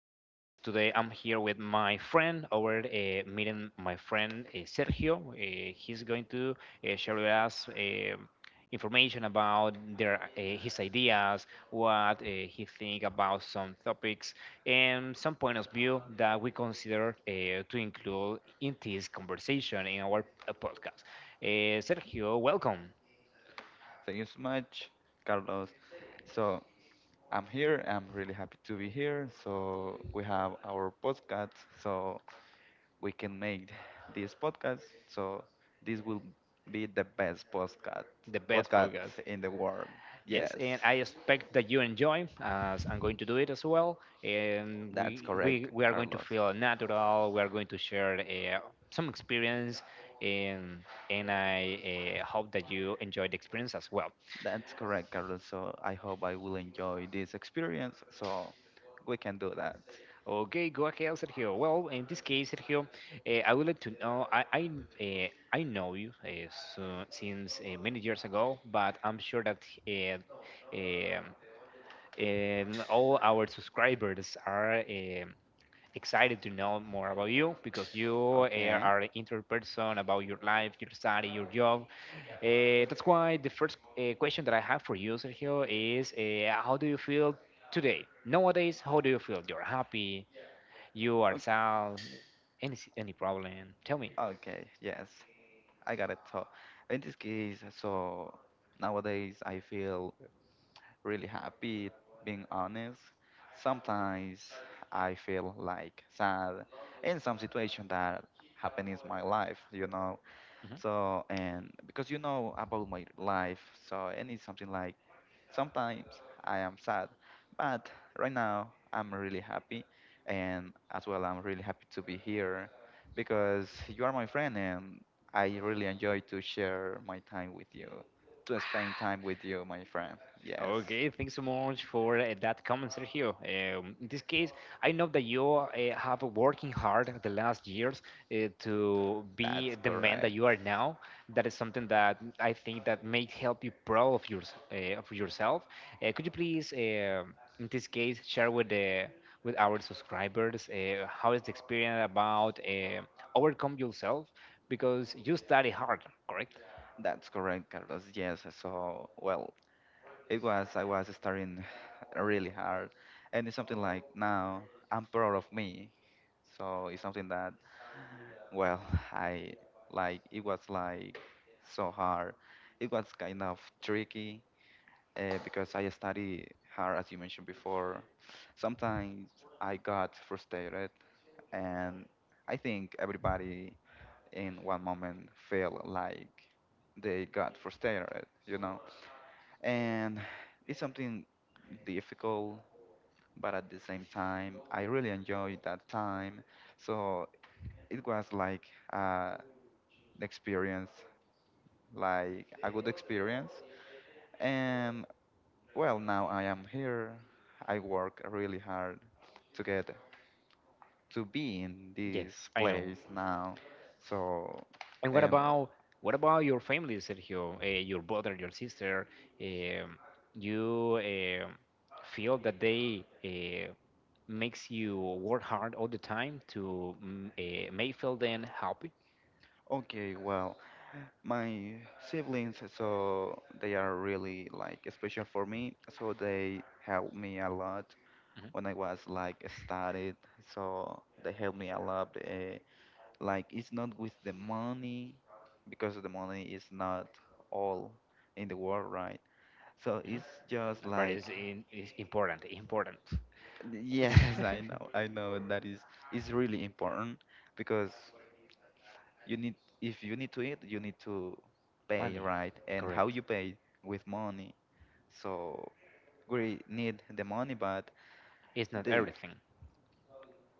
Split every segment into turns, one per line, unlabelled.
podcast. Today I'm here with my friend, our meeting my friend Sergio. He's going to share with us information about their his ideas, what he think about some topics, and some point of view that we consider to include in this conversation in our podcast. Sergio, welcome,
Thank you so much, Carlos. So I'm here. I'm really happy to be here. So we have our podcast. So we can make this podcast. So this will be the best podcast
the best
podcast
podcast.
in the world.
Yes,
Yes,
and I expect that you enjoy, as I'm going to do it as well. And
that's correct,
we are going to
Carlos.
feel natural. We are going to share some experience, and I hope that you enjoy the experience as well.
That's correct, Carlos. So I hope I will enjoy this experience. So we can do that.
Okay, go ahead, Sergio. Well, in this case, Sergio, I would like to know. I know you so, since many years ago, but I'm sure that um, and all our subscribers are excited to know more about you because you
Okay.
are an interested person about your life, your study, your job. That's why the first question that I have for you, Sergio, is how do you feel today? Nowadays, how do you feel? You're happy? You are
O-
sad? Any problem? Tell me.
Okay. Yes. I got it. So in this case, nowadays I feel really happy, being honest. Sometimes I feel like sad in some situation that happened in my life, you know.
Mm-hmm.
So and Because you know about my life, so and it's something like, sometimes I am sad, but right now I'm really happy, and as well, I'm really happy to be here because you are my friend, and I really enjoy to share my time with you, to spend time with you, my friend. Yes,
Okay, thanks so much for that comment, Sergio. In this case, I know that you have been working hard the last years to be
that's
the man that
correct.
you are now. That is something that I think that may help you proud of, yours, of yourself. Could you please, in this case, share with the with our subscribers how is the experience about overcome yourself because you study hard, correct?
That's correct, Carlos. Yes, so well, it was I was studying really hard, and it's something like now I'm proud of me, so it's something that, well, I, like, it was like so hard. It was kind of tricky because I study hard, as you mentioned before. Sometimes I got frustrated, and I think everybody in one moment felt like they got frustrated, you know. And it's something difficult, but at the same time, I really enjoyed that time. So it was like, Uh, experience, like a good experience. And well, now I am here. I work really hard to get to be in this
Yes, I know.
place now. So,
And what
and
about your family, Sergio? Your brother, your sister. Um, you feel that they makes you work hard all the time to make feel them happy.
okay, well, my siblings, so they are really like special for me. So they helped me a lot
Mhm,
when I was like studied. So they helped me a lot. Like, it's not with the money, because the money is not all in the world, right? So it's
mhm.
just
But
like,
it's important, important.
yes, I know, I know that is really important, because you need, if you need to eat, you need to pay,
Money,
right? And how
correct.
you pay? With money. So we need the money, but
It's not
they,
everything.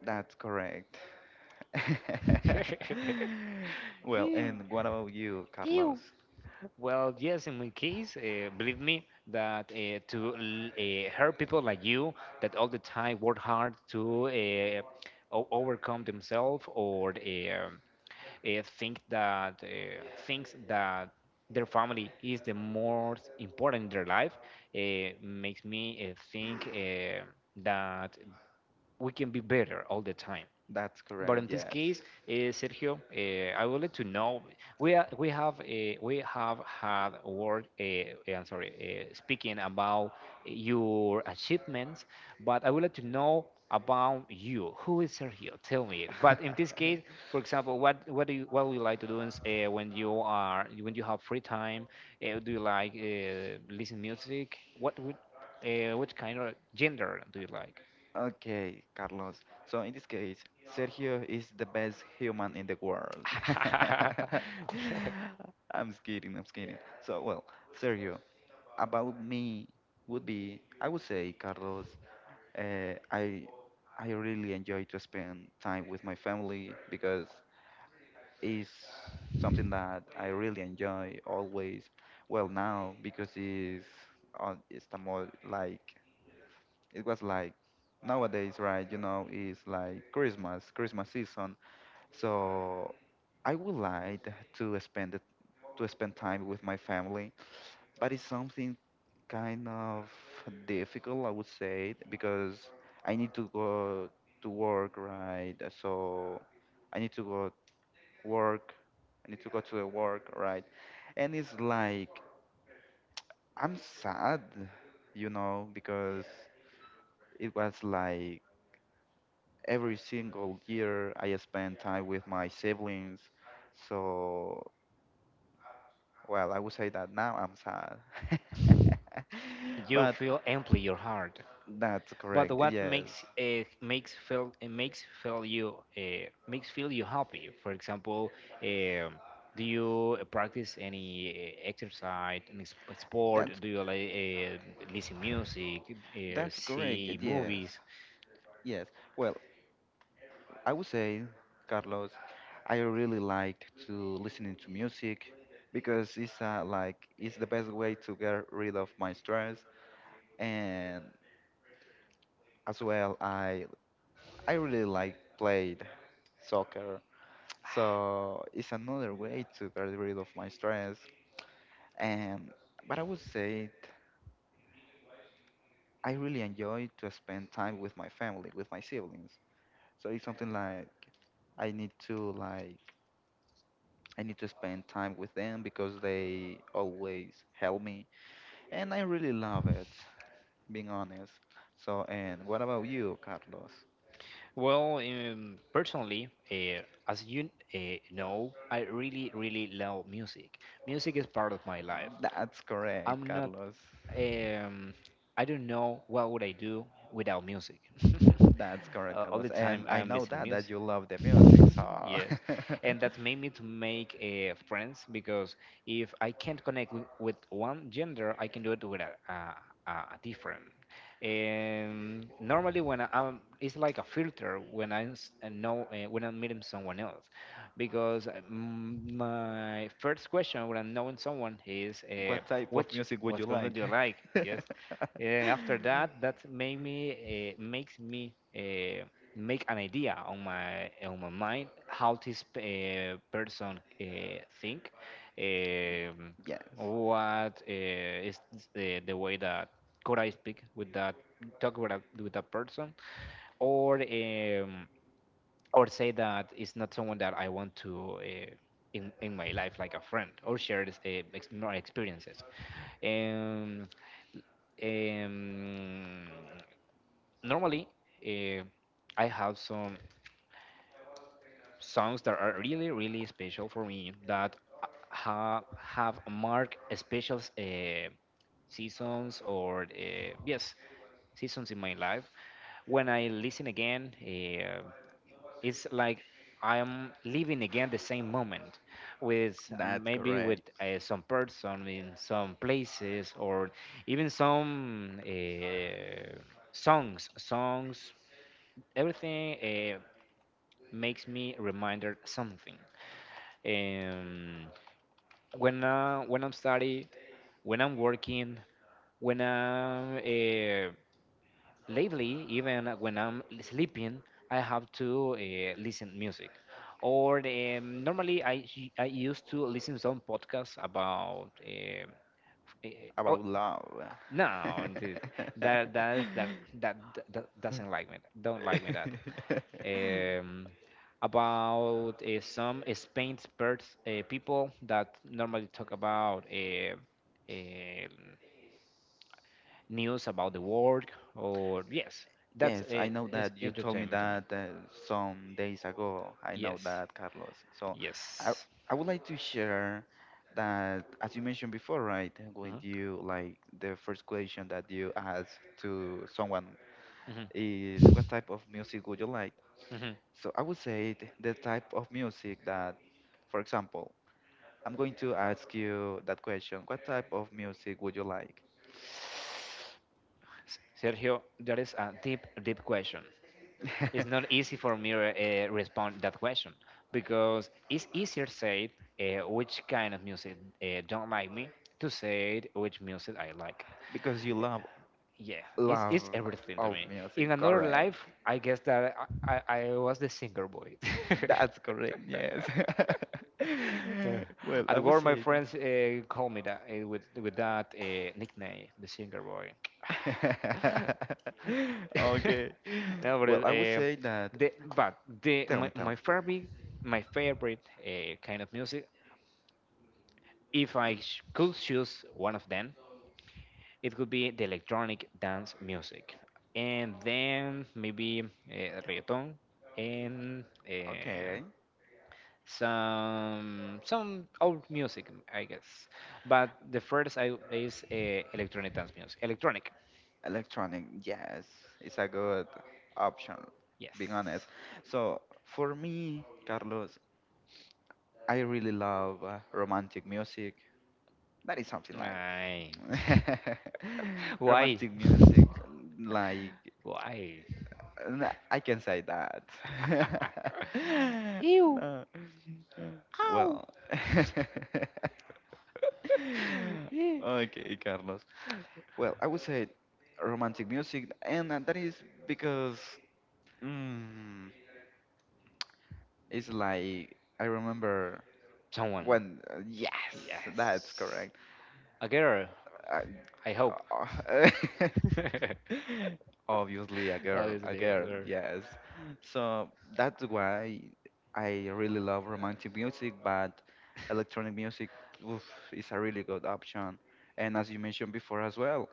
that's correct. Well, and what about you, Carlos?
Ew. Well, yes, in my case, believe me that to help people like you that all the time work hard to overcome themselves or think that things that their family is the most important in their life makes me think that we can be better all the time.
That's
But in
correct,
this
yes.
case, Sergio, I would like to know we have had a word. I'm sorry, speaking about your achievements, but I would like to know about you. Who is Sergio? Tell me. But in this case, for example, what would you like to do is, when you are when you have free time? Do you like listen music? What would what kind of gender do you like?
Okay, Carlos. So in this case, Sergio is the best human in the world. I'm just kidding, I'm just kidding. So well, Sergio, about me would be, I would say, Carlos, uh, I I really enjoy to spend time with my family, because it's something that I really enjoy always. Well, now because it's on, it's the more like it was like, nowadays, right? You know, it's like Christmas, Christmas season, so I would like to spend it, to spend time with my family, but it's something kind of difficult, I would say, because I need to go to work, right? So I need to go work, I need to go to the work, right? And it's like I'm sad, you know, because it was like every single year I spend time with my siblings. So, well, I would say that now I'm sad.
You
But
feel empty your heart.
that's
But
correct.
what
Yes.
makes makes feel it makes feel you happy? For example, um do you practice any exercise, any sport?
That's
Do you like listen music,
that's correct.
see
Yes.
movies?
Yes. Well, I would say, Carlos, I really liked to listening to music, because it's like it's the best way to get rid of my stress, and as well, I really like played soccer. So it's another way to get rid of my stress. And but I would say it, I really enjoy to spend time with my family, with my siblings. So it's something like I need to like, I need to spend time with them because they always help me, and I really love it, being honest. So and what about you, Carlos?
Well, personally, as you know, I really really love music. Music is part of my life.
That's correct,
I'm not
Carlos.
um, I don't know what would I do without music.
That's correct,
All the
Carlos. And
time
I
I'm
know
listening
that
music.
you love the music, so
yes, and that's made me to make friends because if I can't connect with one gender, I can do it with a different. And normally, when I'm, it's like a filter when know when I'm meeting someone else, because my first question when I'm knowing someone is,
what type of
"Which
music would you
what color do
like?
you like?" Yes. And after that, that made me makes me make an idea on my mind how this person think. Um,
Yes,
what is the way that could I speak with that talk with with that person, or um, or say that it's not someone that I want to in my life like a friend or share this, my experiences. Um, um, normally, uh, I have some songs that are really, really special for me that ha- have marked special seasons or, yes, seasons in my life. When I listen again, it's like I am living again the same moment with
that's
maybe with
correct.
some person in some places or even some songs, everything. Uh, makes me reminder something. Um, when I'm study, when I'm working, when I'm lately even when I'm sleeping, I have to listen music. Or normally I used to listen some podcasts about. Eh, oh
About love.
no dude. that that that that that doesn't like me don't like me that um, about some Spain experts, people that normally talk about uh, news about the world, or yes, that's
Yes, I know
is
that you told me
entertainment to me.
that some days ago. I know
Yes,
that, Carlos. So I,
yes.
I would like to share that, as you mentioned before, right? When
Hmm.
you like the first question that you asked to someone
Hmm.
is, what type of music would you like?
Hmm.
So I would say the type of music that, for example, I'm going to ask you that question. What type of music would you like?
Sergio, that is a deep, deep question. It's not easy for me to respond that question because it's easier said which kind of music don't like me to say which music I like.
Because you love,
Yeah,
love
it's everything to
all
me. In
music,
another
correct?
life, I guess that I was the singer boy.
That's correct. Yes. Well, I
At
would
work, my
say.
friends call me that with that nickname, the singer boy.
Okay.
no, but
Well, I would say that. Tell me, tell
my
me.
favorite kind of music. If I sh- could choose one of them, it could be the electronic dance music, and then maybe reggaeton and
Okay.
some old music, I guess. But the first I is electronic dance music. Electronic,
Electronic, yes, it's a good option,
yes.
being honest. So for me, Carlos, I really love romantic music. That is something like,
Aye. Why?
romantic music, like,
Why?
I can say that.
Ew.
No.
Ow.
Well,
Ew.
okay, Carlos. Well, I would say romantic music, and that is because, mm, it's like I remember
Someone.
when, yes, that's
Yes.
correct.
A girl,
I,
I hope.
obviously, a
Obviously, a
girl,
girl.
yes. So that's why I really love romantic music, but electronic music, oof, is a really good option. And as you mentioned before as well,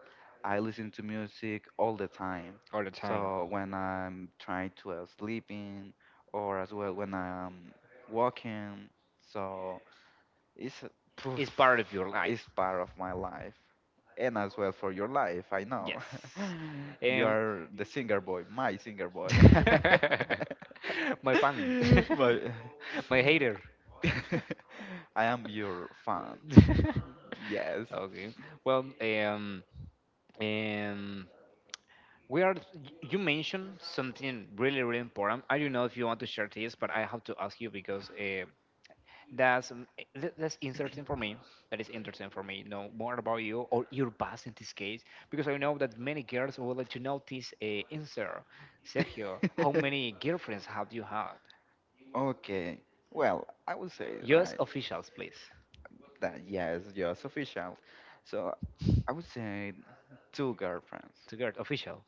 I listen to music all the time.
All the time.
So when I'm trying to sleeping, or as well when I'm walking, so it's poof,
It's part of your
it's
life.
part of my life, and as well for your life. I know
Yes.
you
Um,
are the singer boy, my singer boy.
my fan,
My,
my hater.
I am your fan. Yes.
okay. Well, um, we are. You mentioned something really, really important. I don't know if you want to share this, but I have to ask you because that's that's interesting for me. That is interesting for me. Know more about you or your past in this case, because I know that many girls would like to know this answer. Sergio, how many girlfriends have you had?
Okay. Well, I would say,
Use
right,
officials, please.
that yes, just official. So I would say two girlfriends.
To get official.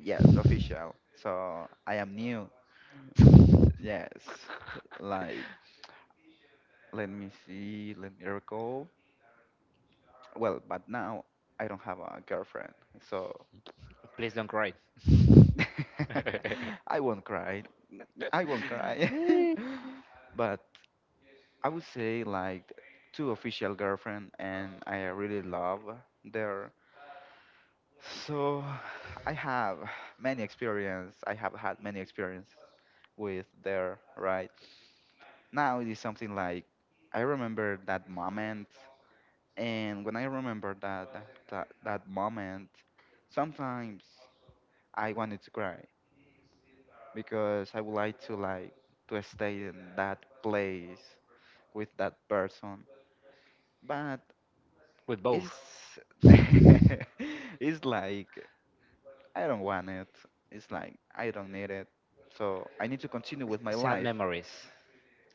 Yes, official. So I am new. Yes, like, let me see, let me recall. Well, but now I don't have a girlfriend, so
please don't cry.
I won't cry. I won't cry. But I would say like two official girlfriend, and I really love their. So I have many experience. I have had many experience with their, right. Now it is something like I remember that moment. And when I remember that moment, sometimes I wanted to cry, because I would like to stay in that place with that person. But
With both.
it's it's like I don't want it. It's like I don't need it. So I need to continue with my
Sad
life.
memories.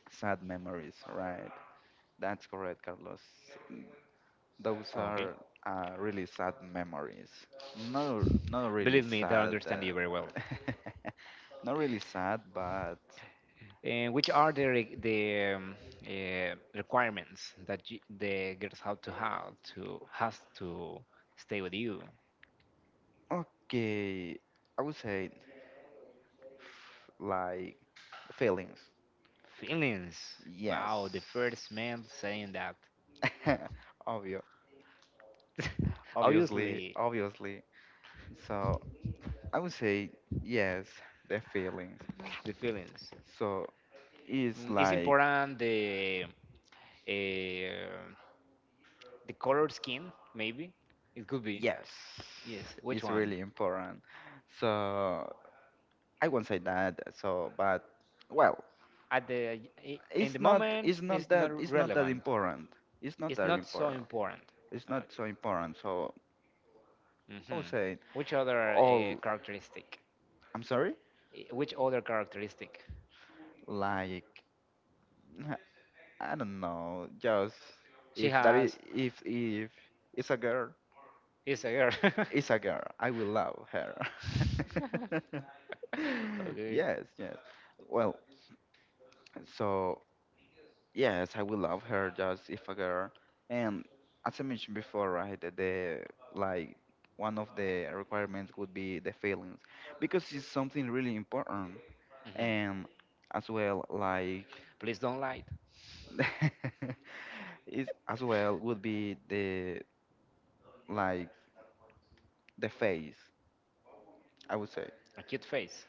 Sad memories, right? That's correct, Carlos. Those
Okay.
are really sad memories. No, not really
Believe me, they
sad.
understand you very well.
Not really sad, but
And which are the requirements that the girls have to has to stay with you?
okay. I would say, like, feelings.
Feelings.
Yes.
Wow, the first man saying that.
Obvio, obviously,
Obviously,
obviously. So I would say, yes, the feelings.
the feelings.
So it's
Mm, it's
like,
important uh, the color skin, maybe. It could be.
yes,
Yes. Which
it's
one?
really important. So I won't say that. So, but well,
At in
it's
the
not.
moment,
It's not
it's
that.
not
It's not that
relevant.
important. It's not
It's
that
not so
important.
important.
It's
Uh,
not so important. So I would
mhm.
say
Which other
all.
characteristic?
I'm sorry.
Which other characteristic?
Like, I don't know. Just
She
if that is,
has.
if it's a girl,
Is a girl.
it's a girl, I will love her.
okay.
Yes. Yes. Well. So yes, I will love her just if a girl. And as I mentioned before, right, like, one of the requirements would be the feelings, because it's something really important.
Mhm.
And as well, like,
Please don't lie.
it's as well would be the, like, the face. I would say.
A cute face.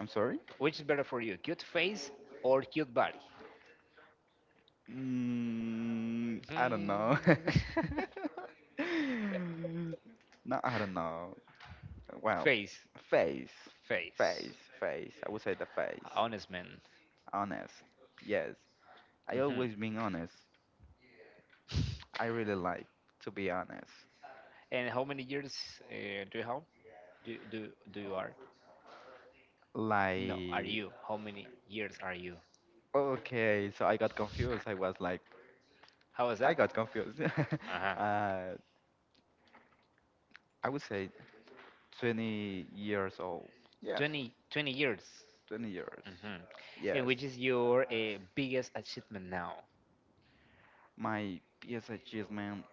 I'm sorry.
Which is better for you, cute face or cute body?
Mm, I don't
Hmm.
know. No, I don't know. Well,
face,
face,
face.
face, face. I would say the face.
Honest man.
Honest. Yes. I
Hmm.
always being honest. I really like to be honest.
And how many years do you have? Do, do do you are? No, are
Like,
you? How many years are you?
okay, so I got confused. I was like,
How is
I
that?
got confused.
Uh huh.
Uh, I would say 20 years old. Yes,
Twenty twenty 20 years.
20 years.
Hmm. And
Yes.
which is your biggest achievement now?
My biggest achievement,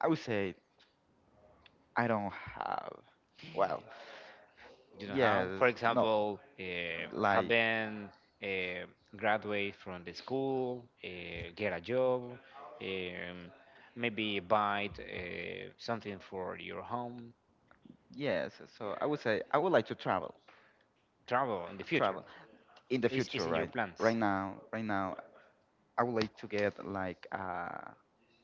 I would say I don't have. Well,
You know how
yes,
for
no.
example
Like,
having uh, graduate from the school get a job um, maybe buy something for your home
yes, so I would say I would like to travel,
travel in the future
travel in the future,
is in your
right? Right
plans
now, right now, I would like to get like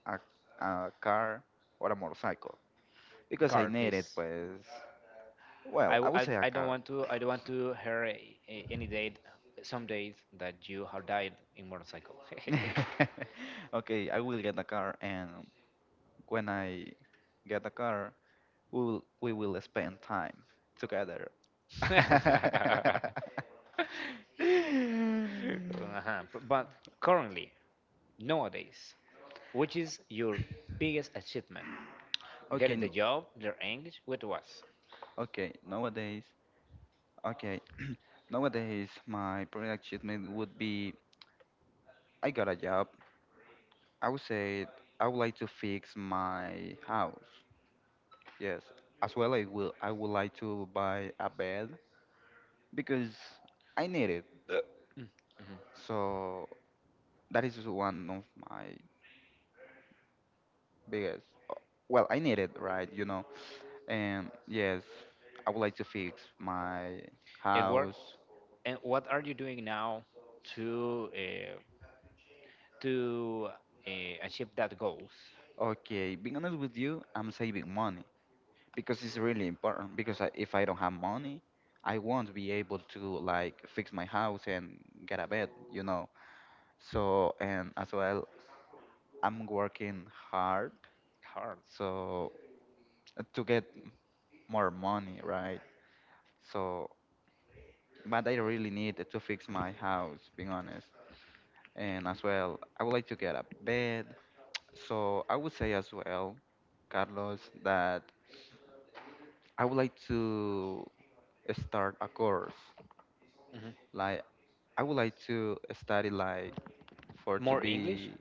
a, a car or a motorcycle, because I
car
need it.
please
Pues, well, I would say a
I don't
car.
want to hear any date some days that you have died in motorcycle
Okay, I will get a car, and when I get a car, we will spend time together.
Ew. Uh-huh. But currently, nowadays? Which is your biggest achievement?
Okay,
Get
n-
the job, learn English, what was?
okay. Nowadays, okay, nowadays my project achievement would be I got a job. I would say I would like to fix my house. Yes, as well I would like to buy a bed because I need it.
Mm, mhm.
So that is one of my biggest. Well, I need it, right? You know, and yes, I would like to fix my
And what
house.
are you doing now to to achieve that goals?
Okay, being honest with you, I'm saving money, because it's really important, because if I don't have money, I won't be able to like fix my house and get a bed, you know. So and as well, I'm working hard,
Hard.
so to get more money, right? So, but I really need to fix my house, being honest. And as well, I would like to get a bed. So I would say as well, Carlos, that I would like to start a course.
Mhm.
Like, I would like to study, like, for to
More English
be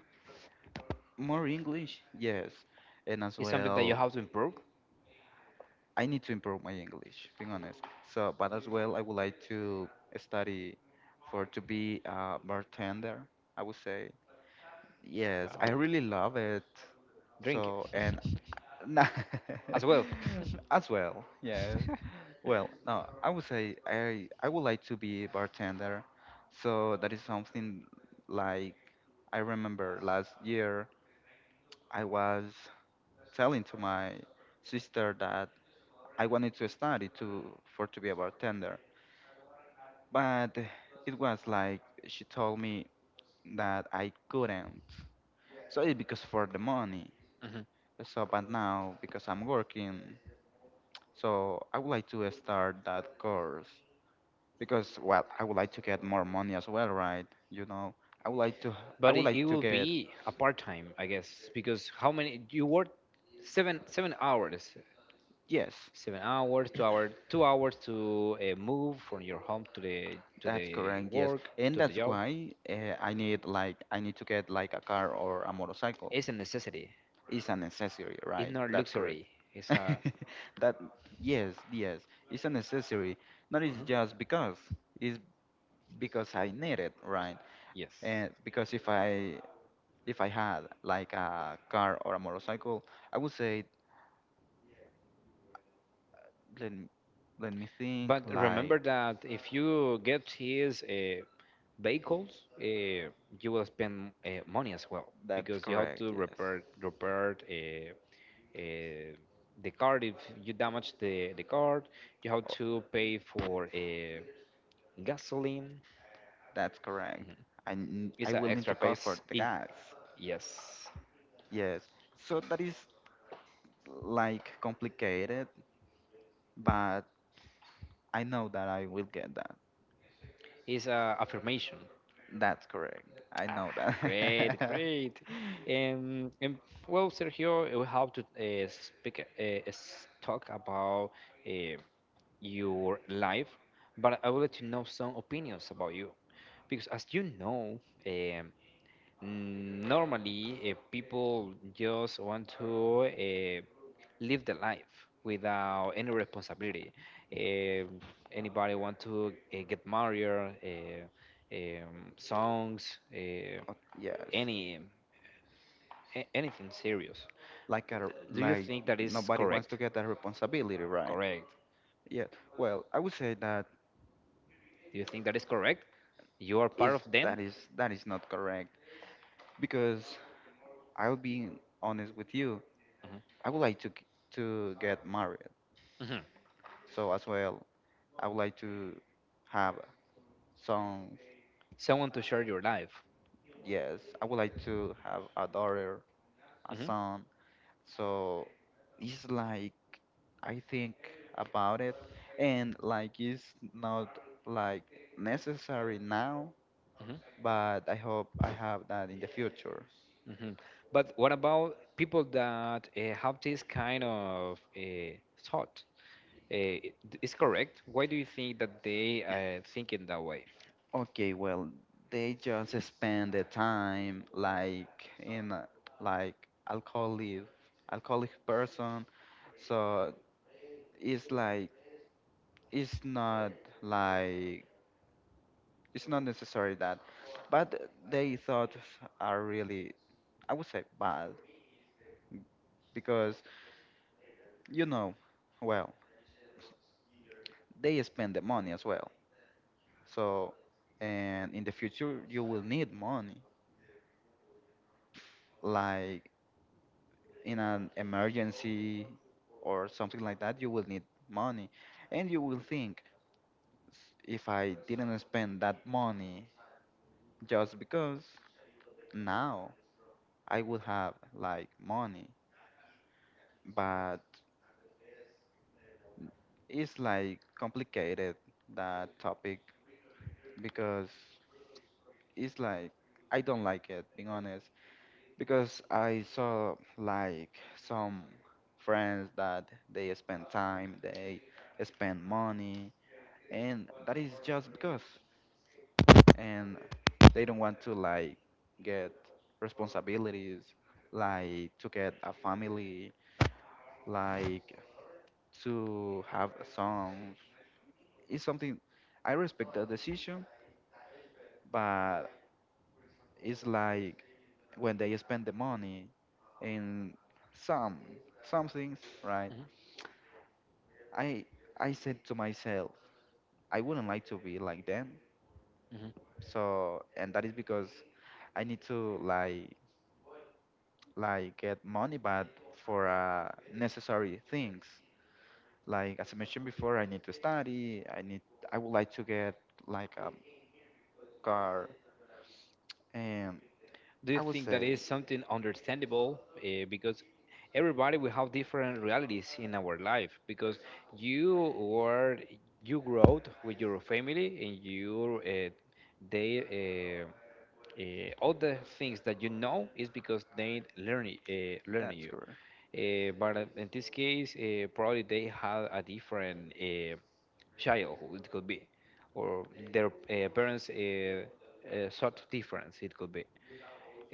more English, yes, and as
is something that you
well,
have to improve.
I need to improve my English, being honest. So, but as well, I would like to study for to be a bartender. I would say yes, I
Wow.
really love it.
Drink it
So, and nah,
as well.
as well, yes. Well, no, I would say I would like to be a bartender, so that is something like I remember last year I was telling to my sister that I wanted to study to for to be a bartender, but it was like she told me that I couldn't. So it's because for the money.
Mhm.
So, but now because I'm working. So I would like to start that course because, well, I would like to get more money as well, right? You know, I would like to I
But
would
it
like to
will
get.
be a part time, I guess, because how many you work seven seven hours
Yes,
7 hours, 2 hours to move from your home to
that's
the
correct, yes.
work
And
to the
that's
job
why I need like I need to get like a car or a motorcycle.
is a necessity.
It's a necessary,
It's
right?
not
That's correct.
luxury. It's a
That, yes, yes, it's a necessary. Not it's
Mhm.
just because it's because I need it, right?
yes.
And because if I had like a car or a motorcycle, I would say let m- let me think,
But remember
like
that if you get his vehicles, you will spend money as well
that's
because you have
correct.
to
Yes,
repair uh, the car if you damage the car you have
oh,
to pay for gasoline.
that's correct.
It's
I
an
will need
extra
to pay for
cost.
the
In
gas.
yes,
Yes. So that is like complicated, but I know that I will get that.
it's a affirmation.
That's correct. I know
Ah, great,
that.
great. And well, Sergio, we have to speak, talk about uh, your life, but I would like to know some opinions about you, because as you know, um, Normally, if people just want to live the life without any responsibility, uh, anybody want to get married, uh, songs,
Oh, yes.
any anything serious.
Like a,
Do you
like
think that is
nobody wants to
correct?
get that responsibility, right?
Correct.
Yeah. Well, I would say that
Do you think that is correct? You are part
is
of them.
that is that is not correct because I'll be honest with you.
Mhm.
I would like to to get married.
Mhm.
So as well, I would like to have sons.
Someone to share your life.
Yes, I would like to have a daughter, a
Hmm.
son. So it's like I think about it, and like it's not like necessary now, but I hope I have that in the future.
Hmm. But what about people that have this kind of thought? Uh, is correct? Why do you think that they think in that way?
Okay, well, they just spend the time like in a, like alcoholic person. So it's it's not like it's not necessary that, but they thoughts are really, I would say, bad because, you know, well, they spend the money as well. So and in the future you will need money like in an emergency or something like that, you will need money. And you will think, If I didn't spend that money just because, now I would have like money." But it's like complicated that topic because it's like I don't like it, being honest, because I saw like some friends that they spend time, they spend money and that is just because, and they don't want to like get responsibilities like to get a family, like to have sons. It's something, I respect the decision, but it's like when they spend the money in some some things, right,
Hmm.
i I said to myself, I wouldn't like to be like them. So and that is because I need to like get money, but for necessary things, like as I mentioned before, I need to study, I need, I would like to get like a car. And
Do you
I would
think that
say
is something understandable? Because everybody we have different realities in our life. Because you were you grew up with your family and you they. All the things that you know is because they learn
that's
you.
correct,
But in this case, probably they had a different childhood. It could be, or their parents sort difference. It could be.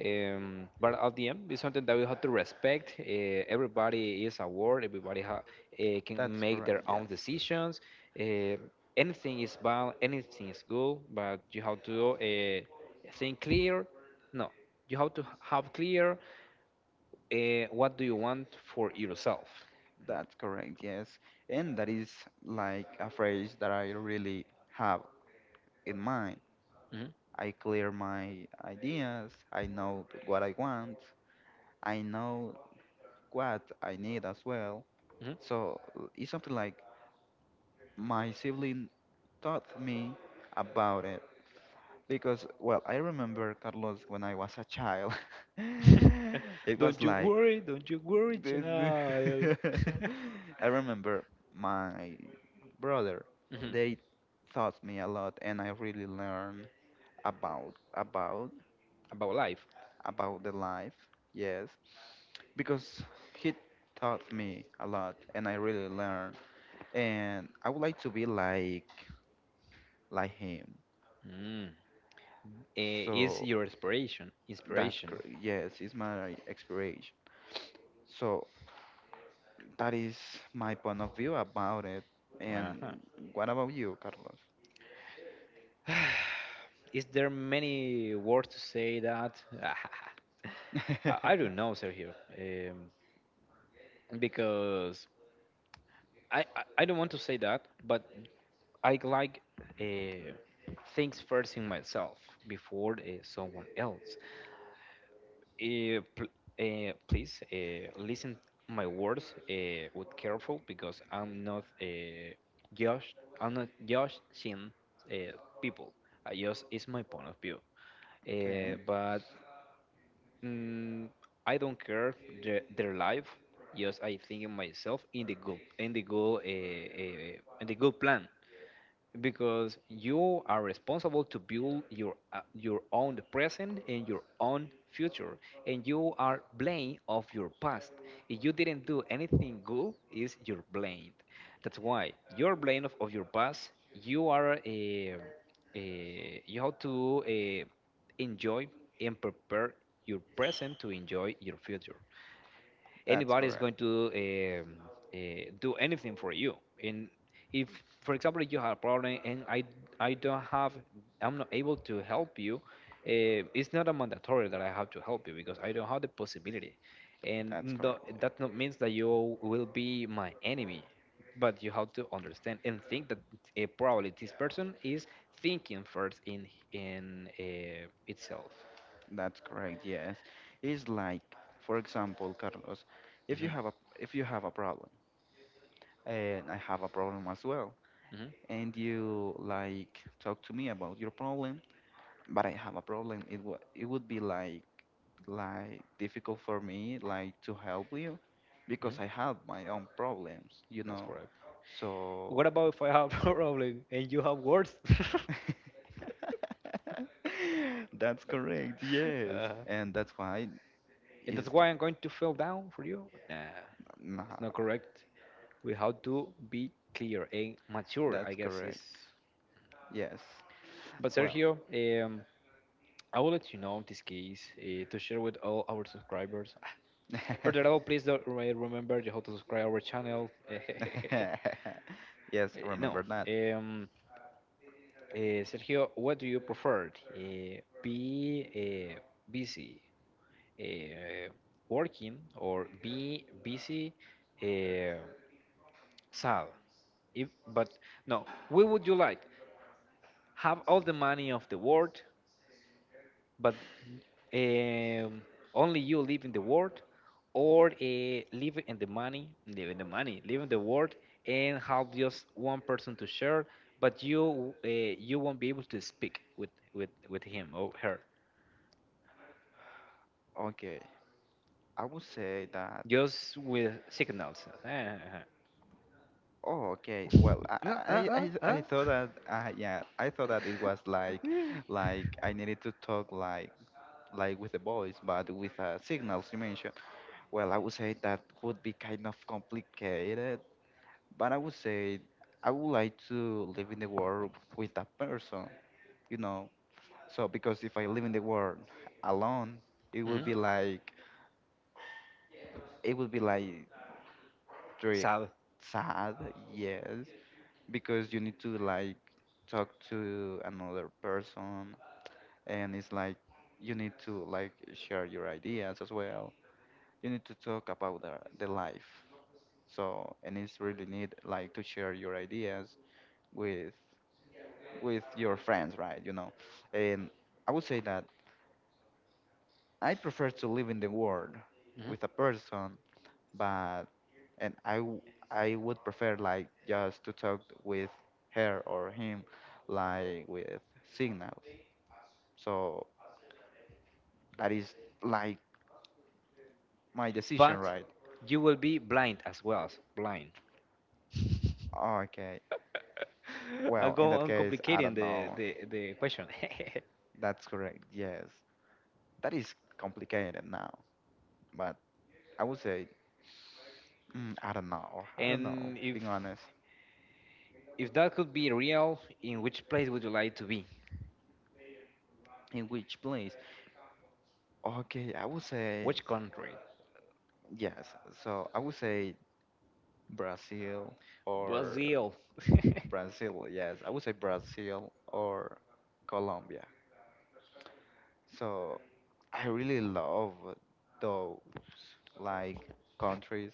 But at the end, it's something that we have to respect. Everybody is a world. Everybody ha can
that's
make their
correct,
own
yes.
decisions. Uh, Anything is bad. Anything is good. But you have to think clear. No, you have to have clear what do you want for yourself.
That's correct, yes. And that is like a phrase that I really have in mind.
Mhm.
I clear my ideas, I know what I want, I know what I need as well.
Mhm.
So it's something like my sibling taught me about it because, well, I remember Carlos when I was a child.
Mhm.
It was
Don't you
like
worry. Don't you worry, child.
I remember my brother,
Mhm.
they taught me a lot and I really learned about
About life.
about the life, yes, because he taught me a lot and I really learned, and I would like to be like him.
Mm. Is
So
your
that's
inspiration.
correct. Yes, it's my expiration. So that is my point of view about it.
Uh-huh.
And what about you,
Is there many words to say that?
Carlos?
I don't know, Sergio. Um, because I, I i don't want to say that, but I like uh, things first in myself before someone else. Pl Please listen my words with careful because I'm not judging uh, people. I just it's my point of view. Uh,
Okay,
but mm, I don't care their life. Just I think in myself in the good in the good plan, because you are responsible to build your own present and your own future, and you are blamed of your past. If you didn't do anything good, is your blamed. That's why you're blamed of your past. You are a, a you have to enjoy and prepare your present to enjoy your future.
that's
Anybody is
correct.
going to um, uh, do anything for you. And if, for example, you have a problem and I don't have, I'm not able to help you, it's not a mandatory that I have to help you because I don't have the possibility.
That's
And
correct. Yeah.
that not means that you will be my enemy, but you have to understand and think that probably this person is thinking first in itself.
That's correct. Yes, it's like, for example, Carlos, if you
Hmm.
have a, if you have a problem, and I have a problem as well,
Hmm.
and you like talk to me about your problem, but I have a problem, it would, it would be like difficult for me like to help you because
Hmm.
I have my own problems, you
That's
know.
correct.
So
What about if I have a problem and you have worse?
that's correct, yes.
uh,
And that's why
and that's
is,
why I'm going to fell down for you? Nah,
nah,
it's not correct. We have to be clear and mature, I
that's
guess. Is
correct. Yes.
but
Well.
Sergio, um, I will let you know this case to share with all our subscribers. Further all, please don't remember you have to subscribe our channel.
Yes,
Eh, no,
remember that.
um, Sergio, what do you prefer? Be busy uh, working, or be busy uh, sad. If, but no, we would you like have all the money of the world, but um, only you live in the world, or live in the money, live in the money, live in the world, and have just one person to share, but you won't be able to speak with with him or her,
Okay. I would say that,
just with signals.
oh, okay. Well, I
No,
I I I thought that yeah, I thought that it was
Mm.
like I needed to talk like with the voice, but with signals you mentioned. Well, I would say that would be kind of complicated, but I would say I would like to live in the world with that person, you know. So because if I live in the world alone, it
Mhm.
would be like it would be like very
Sad.
sad, yes. Because you need to like talk to another person and it's like you need to like share your ideas as well, you need to talk about the life. So and it's really need like to share your ideas with with your friends, right, you know. And I would say that I prefer to live in the world
Mhm.
with a person, but and I would prefer like just to talk with her or him like with signals. So that is like my decision,
But
right?
you will be blind as well. As blind.
Okay.
I
Well, in
go
that
on
case, I
complicating
don't know.
the question.
That's correct. Yes. That is complicated now. But I would say, mm, I don't know. I don't know,
And
being honest.
if that could be real, in which place would you like to be?
In which place? Okay, I would say,
Which country?
yes. So I would say Brazil or
Brazil.
Brazil. Yes, I would say Brazil or Colombia. So I really love those like countries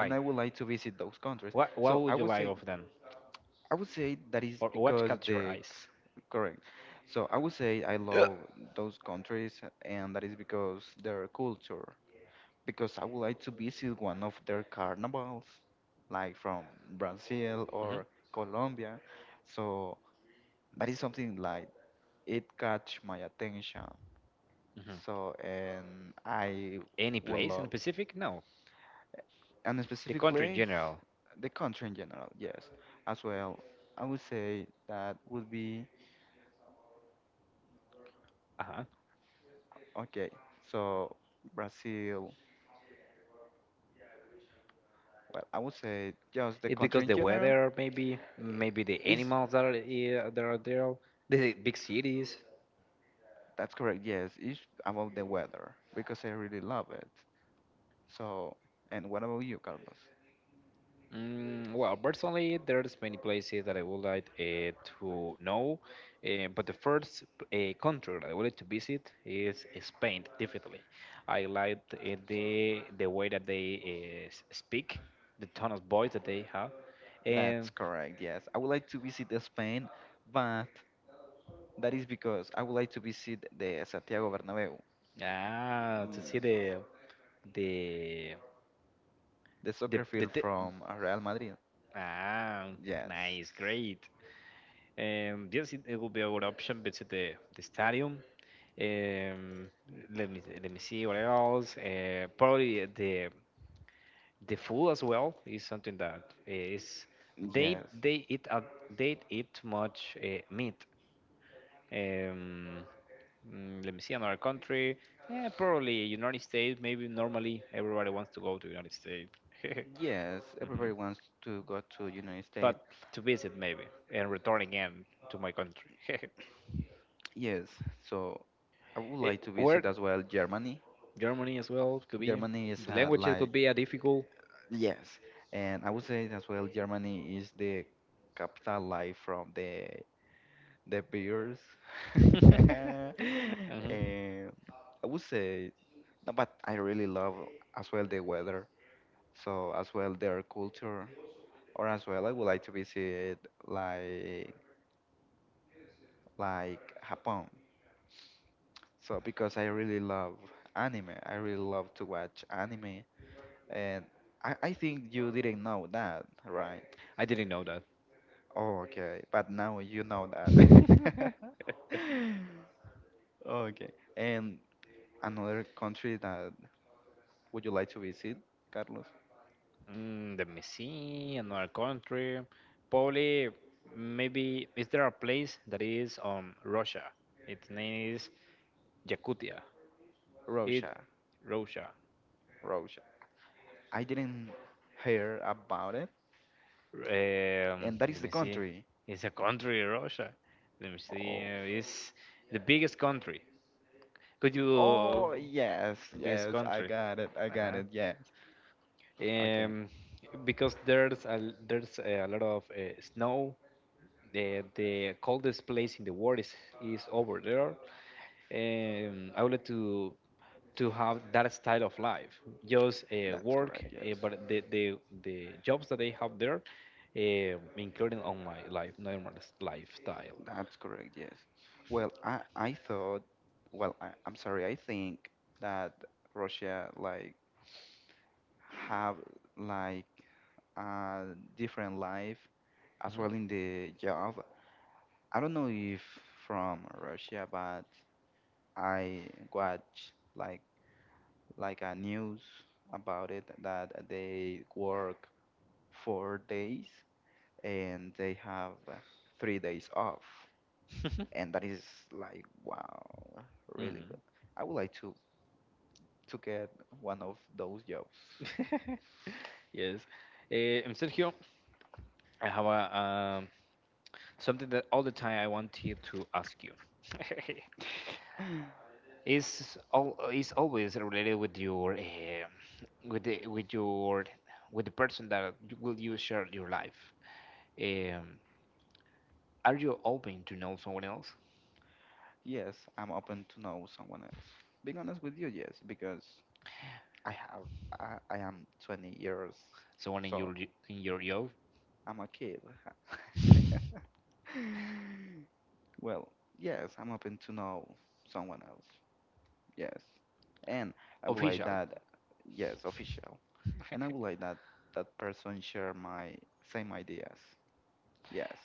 and I would like to visit those countries.
What
So
would you like of them?
I would say that is
Or what
because
catch your
the
eyes?
correct. So I would say I love those countries, and that is because their culture. Because I would like to visit one of their carnivals, like from Brazil
Hmm.
or Colombia. So that is something like it catch my attention.
Hmm.
So and I
Any
would
place in
love.
Pacific? No.
And a
The
specific
country in
place,
general.
the country in general, yes. As well, I would say that would be
Uh-huh.
okay. So Brazil, well, I would say just the
It's
country
because
in
the
general
weather, maybe, maybe the
is
animals that are, that are there, the big cities.
that's correct. Yes, it's about the weather because I really love it. So, and what about you, Carlos?
Mm, well, personally, there's many places that I would like to know, but the first country that I would like to visit is Spain, definitely. I like the way that they speak, the tone of voice that they have, and
That's correct. Yes, I would like to visit the Spain, but that is because I would like to visit the Santiago Bernabeu,
ah, to
mm,
see the the
the
the
soccer
the,
field
te-
from Real Madrid.
Ah,
Yes.
nice, great. Yes, it will be a good option visit the stadium. Um, Let me see what else. Probably the food as well is something that is they
Yes.
they eat a, they eat much meat. Um, Let me see another country. Yeah, probably United States. Maybe normally everybody wants to go to United States. Hmm.
Yes. Everybody wants to go to United
But
States.
to visit maybe and return again to my country.
Yes. So I would
It,
like to
where
visit as well Germany.
Germany as well could be
Germany is
the language, it could
like
be a difficult.
yes, and I would say as well Germany is the capital life from the beers. And
Mhm.
I would say no, but I really love as well the weather, so as well their culture, or as well I would like to visit like like Japan. So because I really love anime, I really love to watch anime, and I think you didn't know that, right?
I didn't know that.
Oh, okay, but now you know that. Okay, and another country that would you like to visit, Carlos?
Mm, let me see another country. Probably maybe is there a place that is on Russia? Its name is Yakutia. It
Russia,
Russia.
Russia. I didn't hear about it, and that
Let
is the
me see.
country.
It's a country, Russia. Let me see.
Oh,
It's the biggest country. Could you
oh yes,
the biggest
yes,
country?
I got
Uh-huh.
it, yes. Okay.
Um, because there's a lot of snow. The coldest place in the world is over there. I would like to have that style of life, just
That's
work,
correct, yes.
but the jobs that they have there, including on my life, normal lifestyle.
That's correct, yes. Well, I thought, well, I'm sorry, I think that Russia like have like a different life as well in the job. I don't know if from Russia, but I watch like a news about it that they work 4 days and they have 3 days off.
Hmm.
And that is like, wow, really
Hmm.
good. I would like to get one of those jobs.
Yes. And Sergio, I have a something that all the time I wanted to ask you. Is all is always related with your eh, with the with your with the person that you- will you share your life. Um, are you open to know someone else,
Yes, I'm open to know someone else. Being honest with you, yes, because I have I am 20 years,
someone in
so
your in your job,
I'm a kid. Well, yes, I'm open to know someone else. Yes. And I would like
official?
that, yes, official. And I would like that that person share my same ideas. Yes.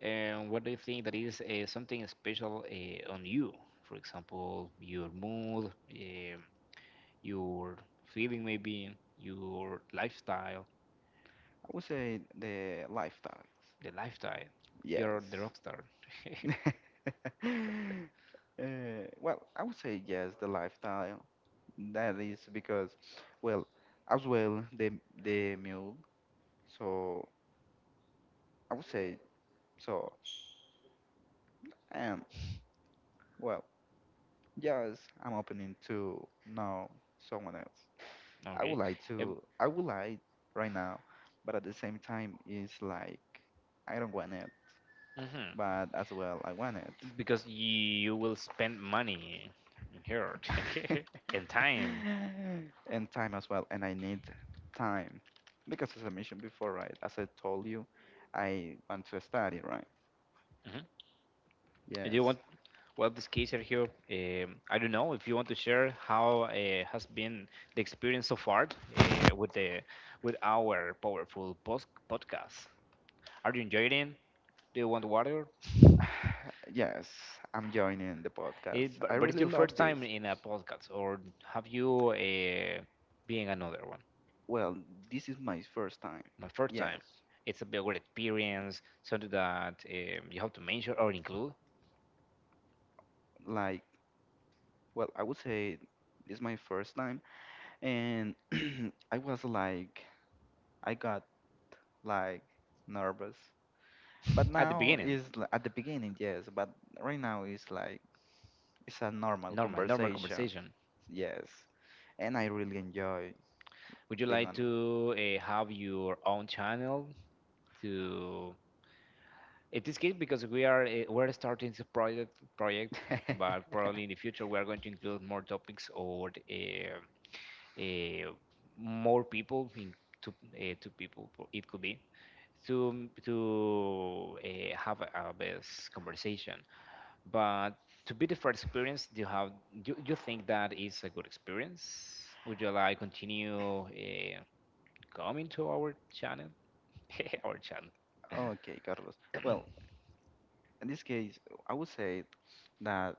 And what do you think that is something special on you? For example, your mood, your feeling, maybe your lifestyle,
I would say the lifetimes.
the lifestyle. You're the
Yes.
rock star.
Well, I would say yes, the lifestyle. That is because, well, as well the meal. So I would say so. And well, yes, I'm opening to know someone else. I would
Okay.
like
Um,
to. I would like right now, but at the same time, it's like I don't want it,
mhm.
but as well I want it.
Because you will spend money in here and time.
And time as well. And I need time because, as I mentioned before, right? As I told you, I want to study, right?
Mhm. Do you
Yes.
want? Well, this case are here. I don't know if you want to share how has been the experience so far uh, with the with our powerful post podcast. Are you enjoying it? Do you want water?
Yes, I'm joining the podcast.
It,
I
but it's
really
your first
love this.
time in a podcast, or have you been another one?
Well, this is my first time.
My first
Yes.
time. It's a bit of experience, something that you have to mention or include.
Like, well, I would say it's my first time. And I was like, I got like nervous. But
At the
now
beginning.
is at the beginning, yes. But right now is like, it's a normal
Normal normal
conversation.
conversation.
Yes. And I really enjoy
Would you
being
like
on
to have your own channel to in this case, because we are we're starting this project,
it.
but probably in the future we are going to include more topics or uh, more people in two, two people, it could be to have a best conversation. But to be the first experience, do you have do you think that is a good experience? Would you like continue coming to our channel? Our channel.
Okay, Carlos. Well, in this case, I would say that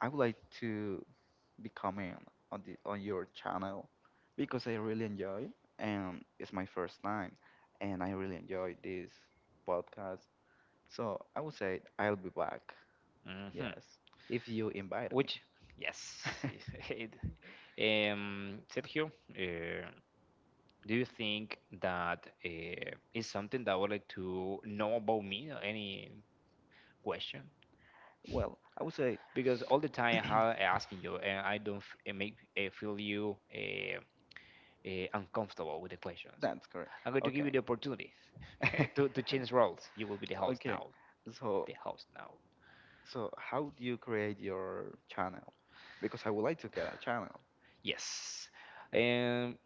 I would like to be coming on your channel because I really enjoy and it's my first time and I really enjoy this podcast. So I would say I'll be back.
Hmm.
Yes, if you invite me.
Which yes, it, Sergio, uh, do you think that is something that I would like to know about me? Or any question?
Well, I would say
Because all the time I asking you, and I don't make feel you. Uncomfortable with the questions.
that's correct.
I'm going to give
Okay.
you the opportunity to change roles. You will be the host
Okay.
now.
So
The host now.
so how do you create your channel? Because I would like to get a channel.
Yes. Um,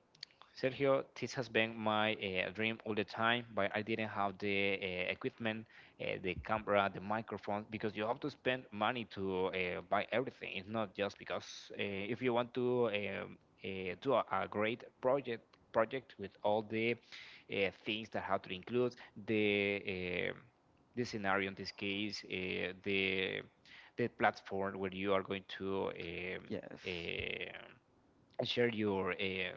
Sergio, this has been my dream all the time, but I didn't have the equipment, the camera, the microphone, because you have to spend money to buy everything. It's not just because if you want to do a great project with all the things that have to include the uh, the scenario in this case, the platform where you are going to
Yes.
share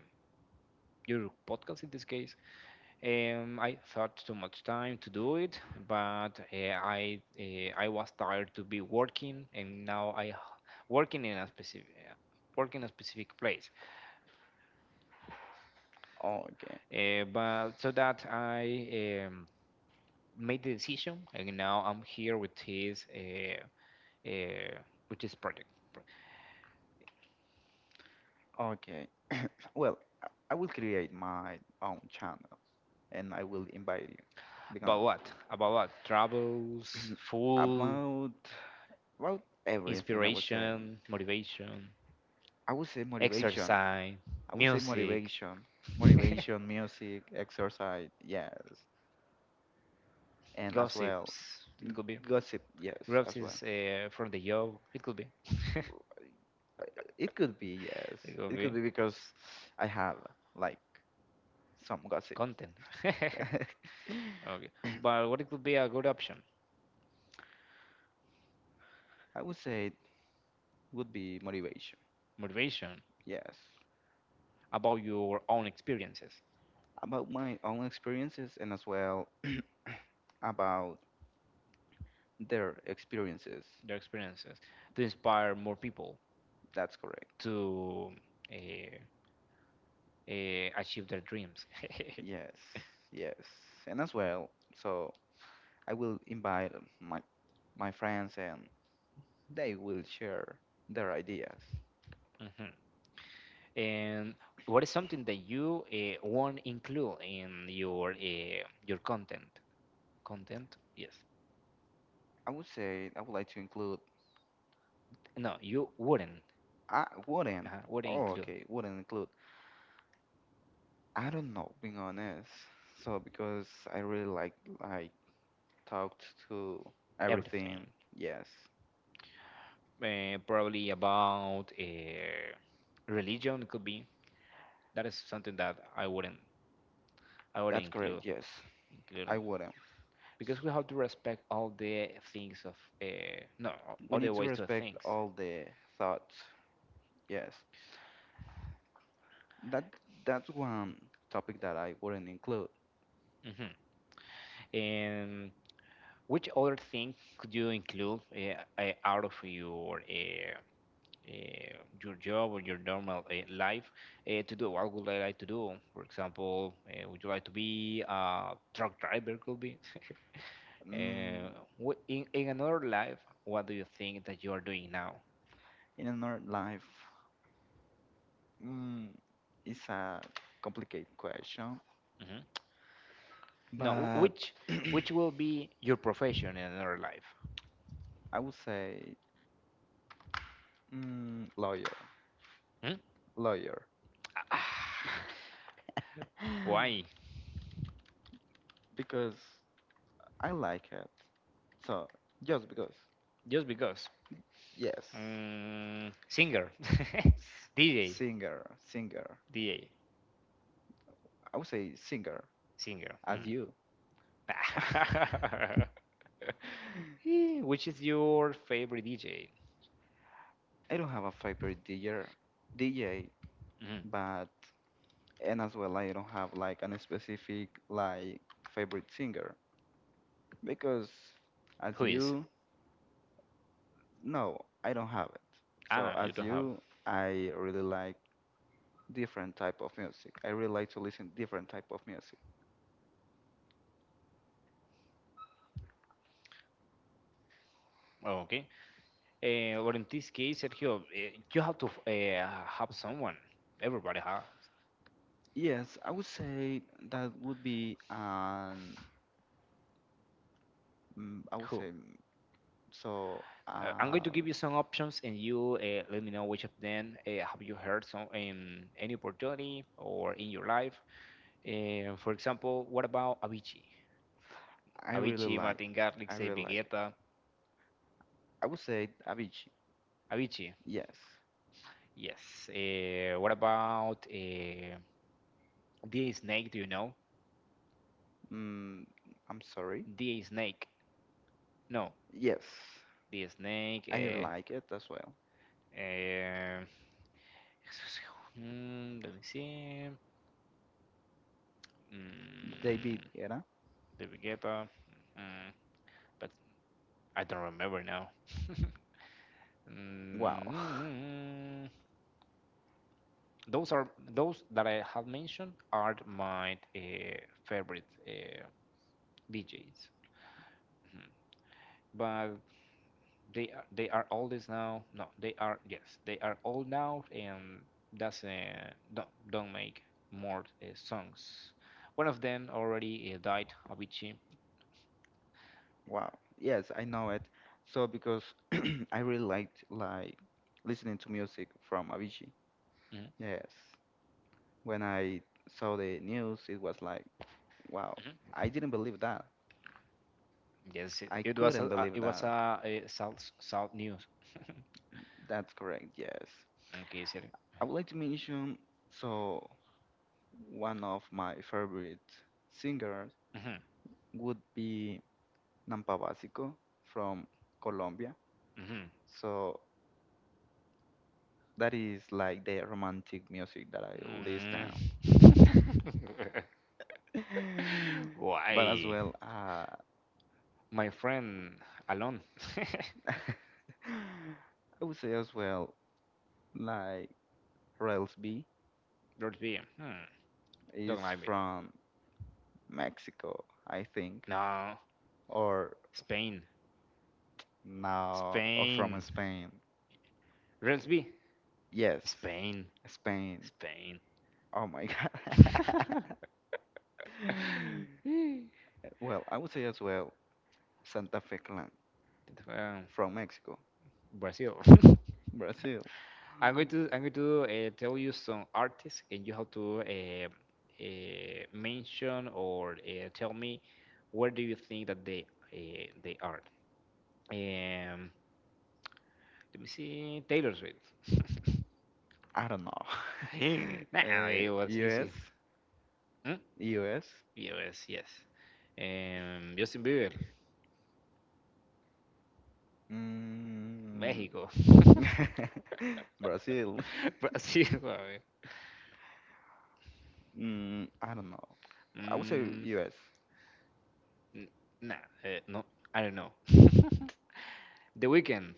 your podcast in this case. I thought too much time to do it, but I was tired to be working, and now working in a specific work in a specific place.
Okay.
But so that I made the decision, and now I'm here with his uh, with this project. Pro-
Okay. Well, I will create my own channel and I will invite you. Be
About
honest.
what? About what? Travels, full
About about everything I would say.
inspiration, motivation.
I would say motivation.
Exercise,
I would say
music,
motivation. Motivation, music, exercise, yes. And as well
gossips. It could be
gossip, yes, as well.
gossips from the job. It could be. It
It could be, yes.
could
It
be
could be because I have like some gossip.
content. Okay, but what it could be a good option?
I would say it would be motivation,
Motivation
yes.
about your own experiences,
About my own experiences and as well about their experiences.
their experiences, to inspire more people
That's correct.
to uh, achieve their dreams.
Yes, yes. And as well, so I will invite my my friends and they will share their ideas.
Mhm. And what is something that you want include in your content? Content, yes.
I would say I would like to include.
No, you wouldn't.
I wouldn't.
Wouldn't
Oh,
include
okay, wouldn't include. I don't know, being honest. So because I really like talked to everything.
everything.
Yes,
Probably about religion could be. That is something that I wouldn't, I wouldn't
that's correct.
include,
Yes,
include,
I wouldn't.
because we have to respect all the things of uh, no,
We
all the
need to
ways to
respect
things.
all the thoughts. Yes, that that's one topic that I wouldn't include.
Hmm. And which other thing could you include out of uh, your job or your normal life to do? What would I like to do? For example, would you like to be a truck driver? Could be. uh,
Mm,
in another life, what do you think that you are doing now?
in another life, mm, it's a complicated question,
Hmm. No,
but
which will be your profession in another life?
I would say mm, lawyer,
Hmm?
lawyer.
Ah, why?
Because I like it. So just because,
Just because.
yes,
Mm, singer,
S-
DJ,
singer, singer.
DJ,
I would say singer
singer.
as
Hmm.
you.
Eh, which is your favorite DJ?
I don't have a favorite DJ,
Mhm.
but and as well I don't have like an specific like favorite singer because as
Who is?
you know I don't have it. So
Ah, you
as
don't have.
you, I really like different type of music. I really like to listen different type of music.
Oh, okay. Eh, well, in this case, Sergio, eh, you have to have someone. Everybody has.
Yes, I would say that would be I would
Who?
say mm, so
I'm going to
um
give you some options, and you let me know which of them have you heard some in any opportunity or in your life. Eh, for example, what about Avicii?
I really
Avicii,
like
Martin
I
Garrix,
really
David
like it.
Guetta.
I would say Avicii.
Avicii,
Yes.
yes. What about the snake? Do you know
Mm, I'm sorry.
the snake? No,
Yes,
the snake.
I like it as well.
Uh, hmm, let me see.
David
Mm,
Guetta.
David Guetta. Mm, but I don't remember now.
Wow.
Mm, those are, those that I have mentioned are my favorite DJs. Mhm. But they are old is now, no, they are, yes, they are old now and doesn't don't make more songs. One of them already died, Avicii.
Wow. Yes, I know it. So because I really liked like listening to music from Avicii.
Mhm,
Yes. When I saw the news, it was like, wow,
mhm.
I didn't believe that.
Yes, it,
I
it was a
couldn't believe
it was a,
that.
south, south news.
That's correct, yes.
Okay, sorry.
I would like to mention so one of my favorite singers
Mhm,
would be Nampa Basico from Colombia.
mhm,
So that is like the romantic music that I
mhm.
listen.
Mm.
But as
Why
well,
my friend alone?
I would say as well, like Railsby
Lord be, hmm,
is
don't like me,
from Mexico, I think,
no,
or
spain.
now or from
Spain.
Spain.
Ramsby?
Yes,
Spain.
Spain.
Spain.
Oh my God. Well, I would say as well, Santa Fe Clan
um,
from Mexico,
Brazil.
Brazil.
I'm going to tell you some artists, and you have to mention or tell me where do you think that they are. Um, let me see. Taylor Swift.
I don't know.
Nah,
Uh,
it was
US,
easy. Hmm?
US,
Yes, yes. Justin Bieber,
mm,
Mexico.
Brazil.
But sí,
Mm, I don't know. I would say
mm,
US.
n- nah, eh, no, I don't know. The weekend,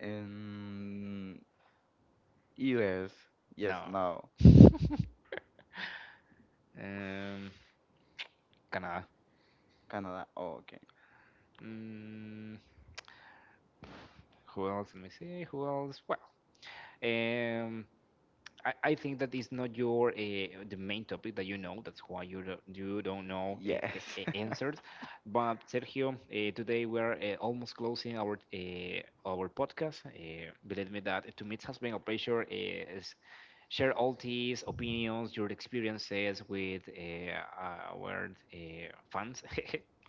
And US, yes,
no.
no.
Um, Canada.
Canada, oh, okay.
Mm, who else? Let me see. Who else? Well, um, I think that is not your the main topic that you know. That's why you do, you don't know
Yes.
the answers. But Sergio, today we're almost closing our podcast. Believe me that to me it has been a pleasure share all these opinions, your experiences with our fans,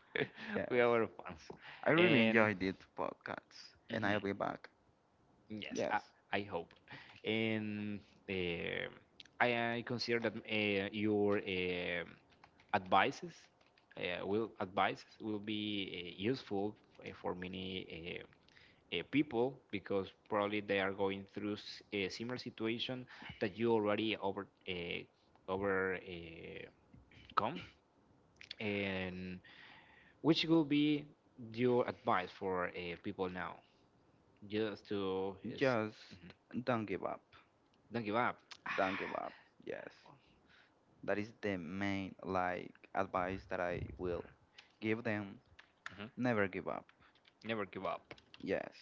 with
Yes.
our fans.
I really
And
enjoyed this podcast and
mhm,
I'll be back.
yes,
Yes.
I hope. And um, I consider that your advices will advices will be useful for many people because probably they are going through a similar situation that you already over overcome. And which will be your advice for people now? Just to is,
Just
mhm,
don't give up.
don't give up.
Don't give up. Yes. That is the main like advice that I will give them.
Mhm.
Never give up.
Never give up.
Yes.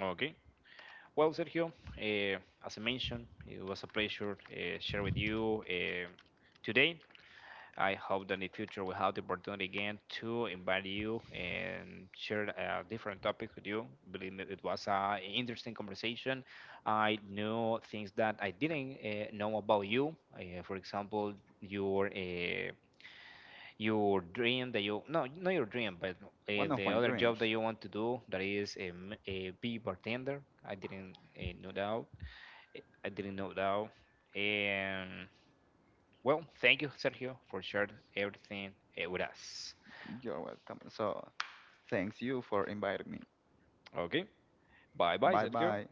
Okay. Well, Sergio, as I mentioned, it was a pleasure share with you today. I hope that in the future we have the opportunity again to invite you and share a different topic with you. Believe me, it was an interesting conversation. I know things that I didn't know about you. For example, your uh, your dream that you no, not your dream, but
One of
the
my
other job
dreams.
that you want to do, that is a, a be bartender. I didn't know that. I didn't know that. And well, thank you, Sergio, for sharing everything eh, with us.
You're welcome. So thanks you for inviting me.
Okay, bye bye,
Bye
Sergio.
bye.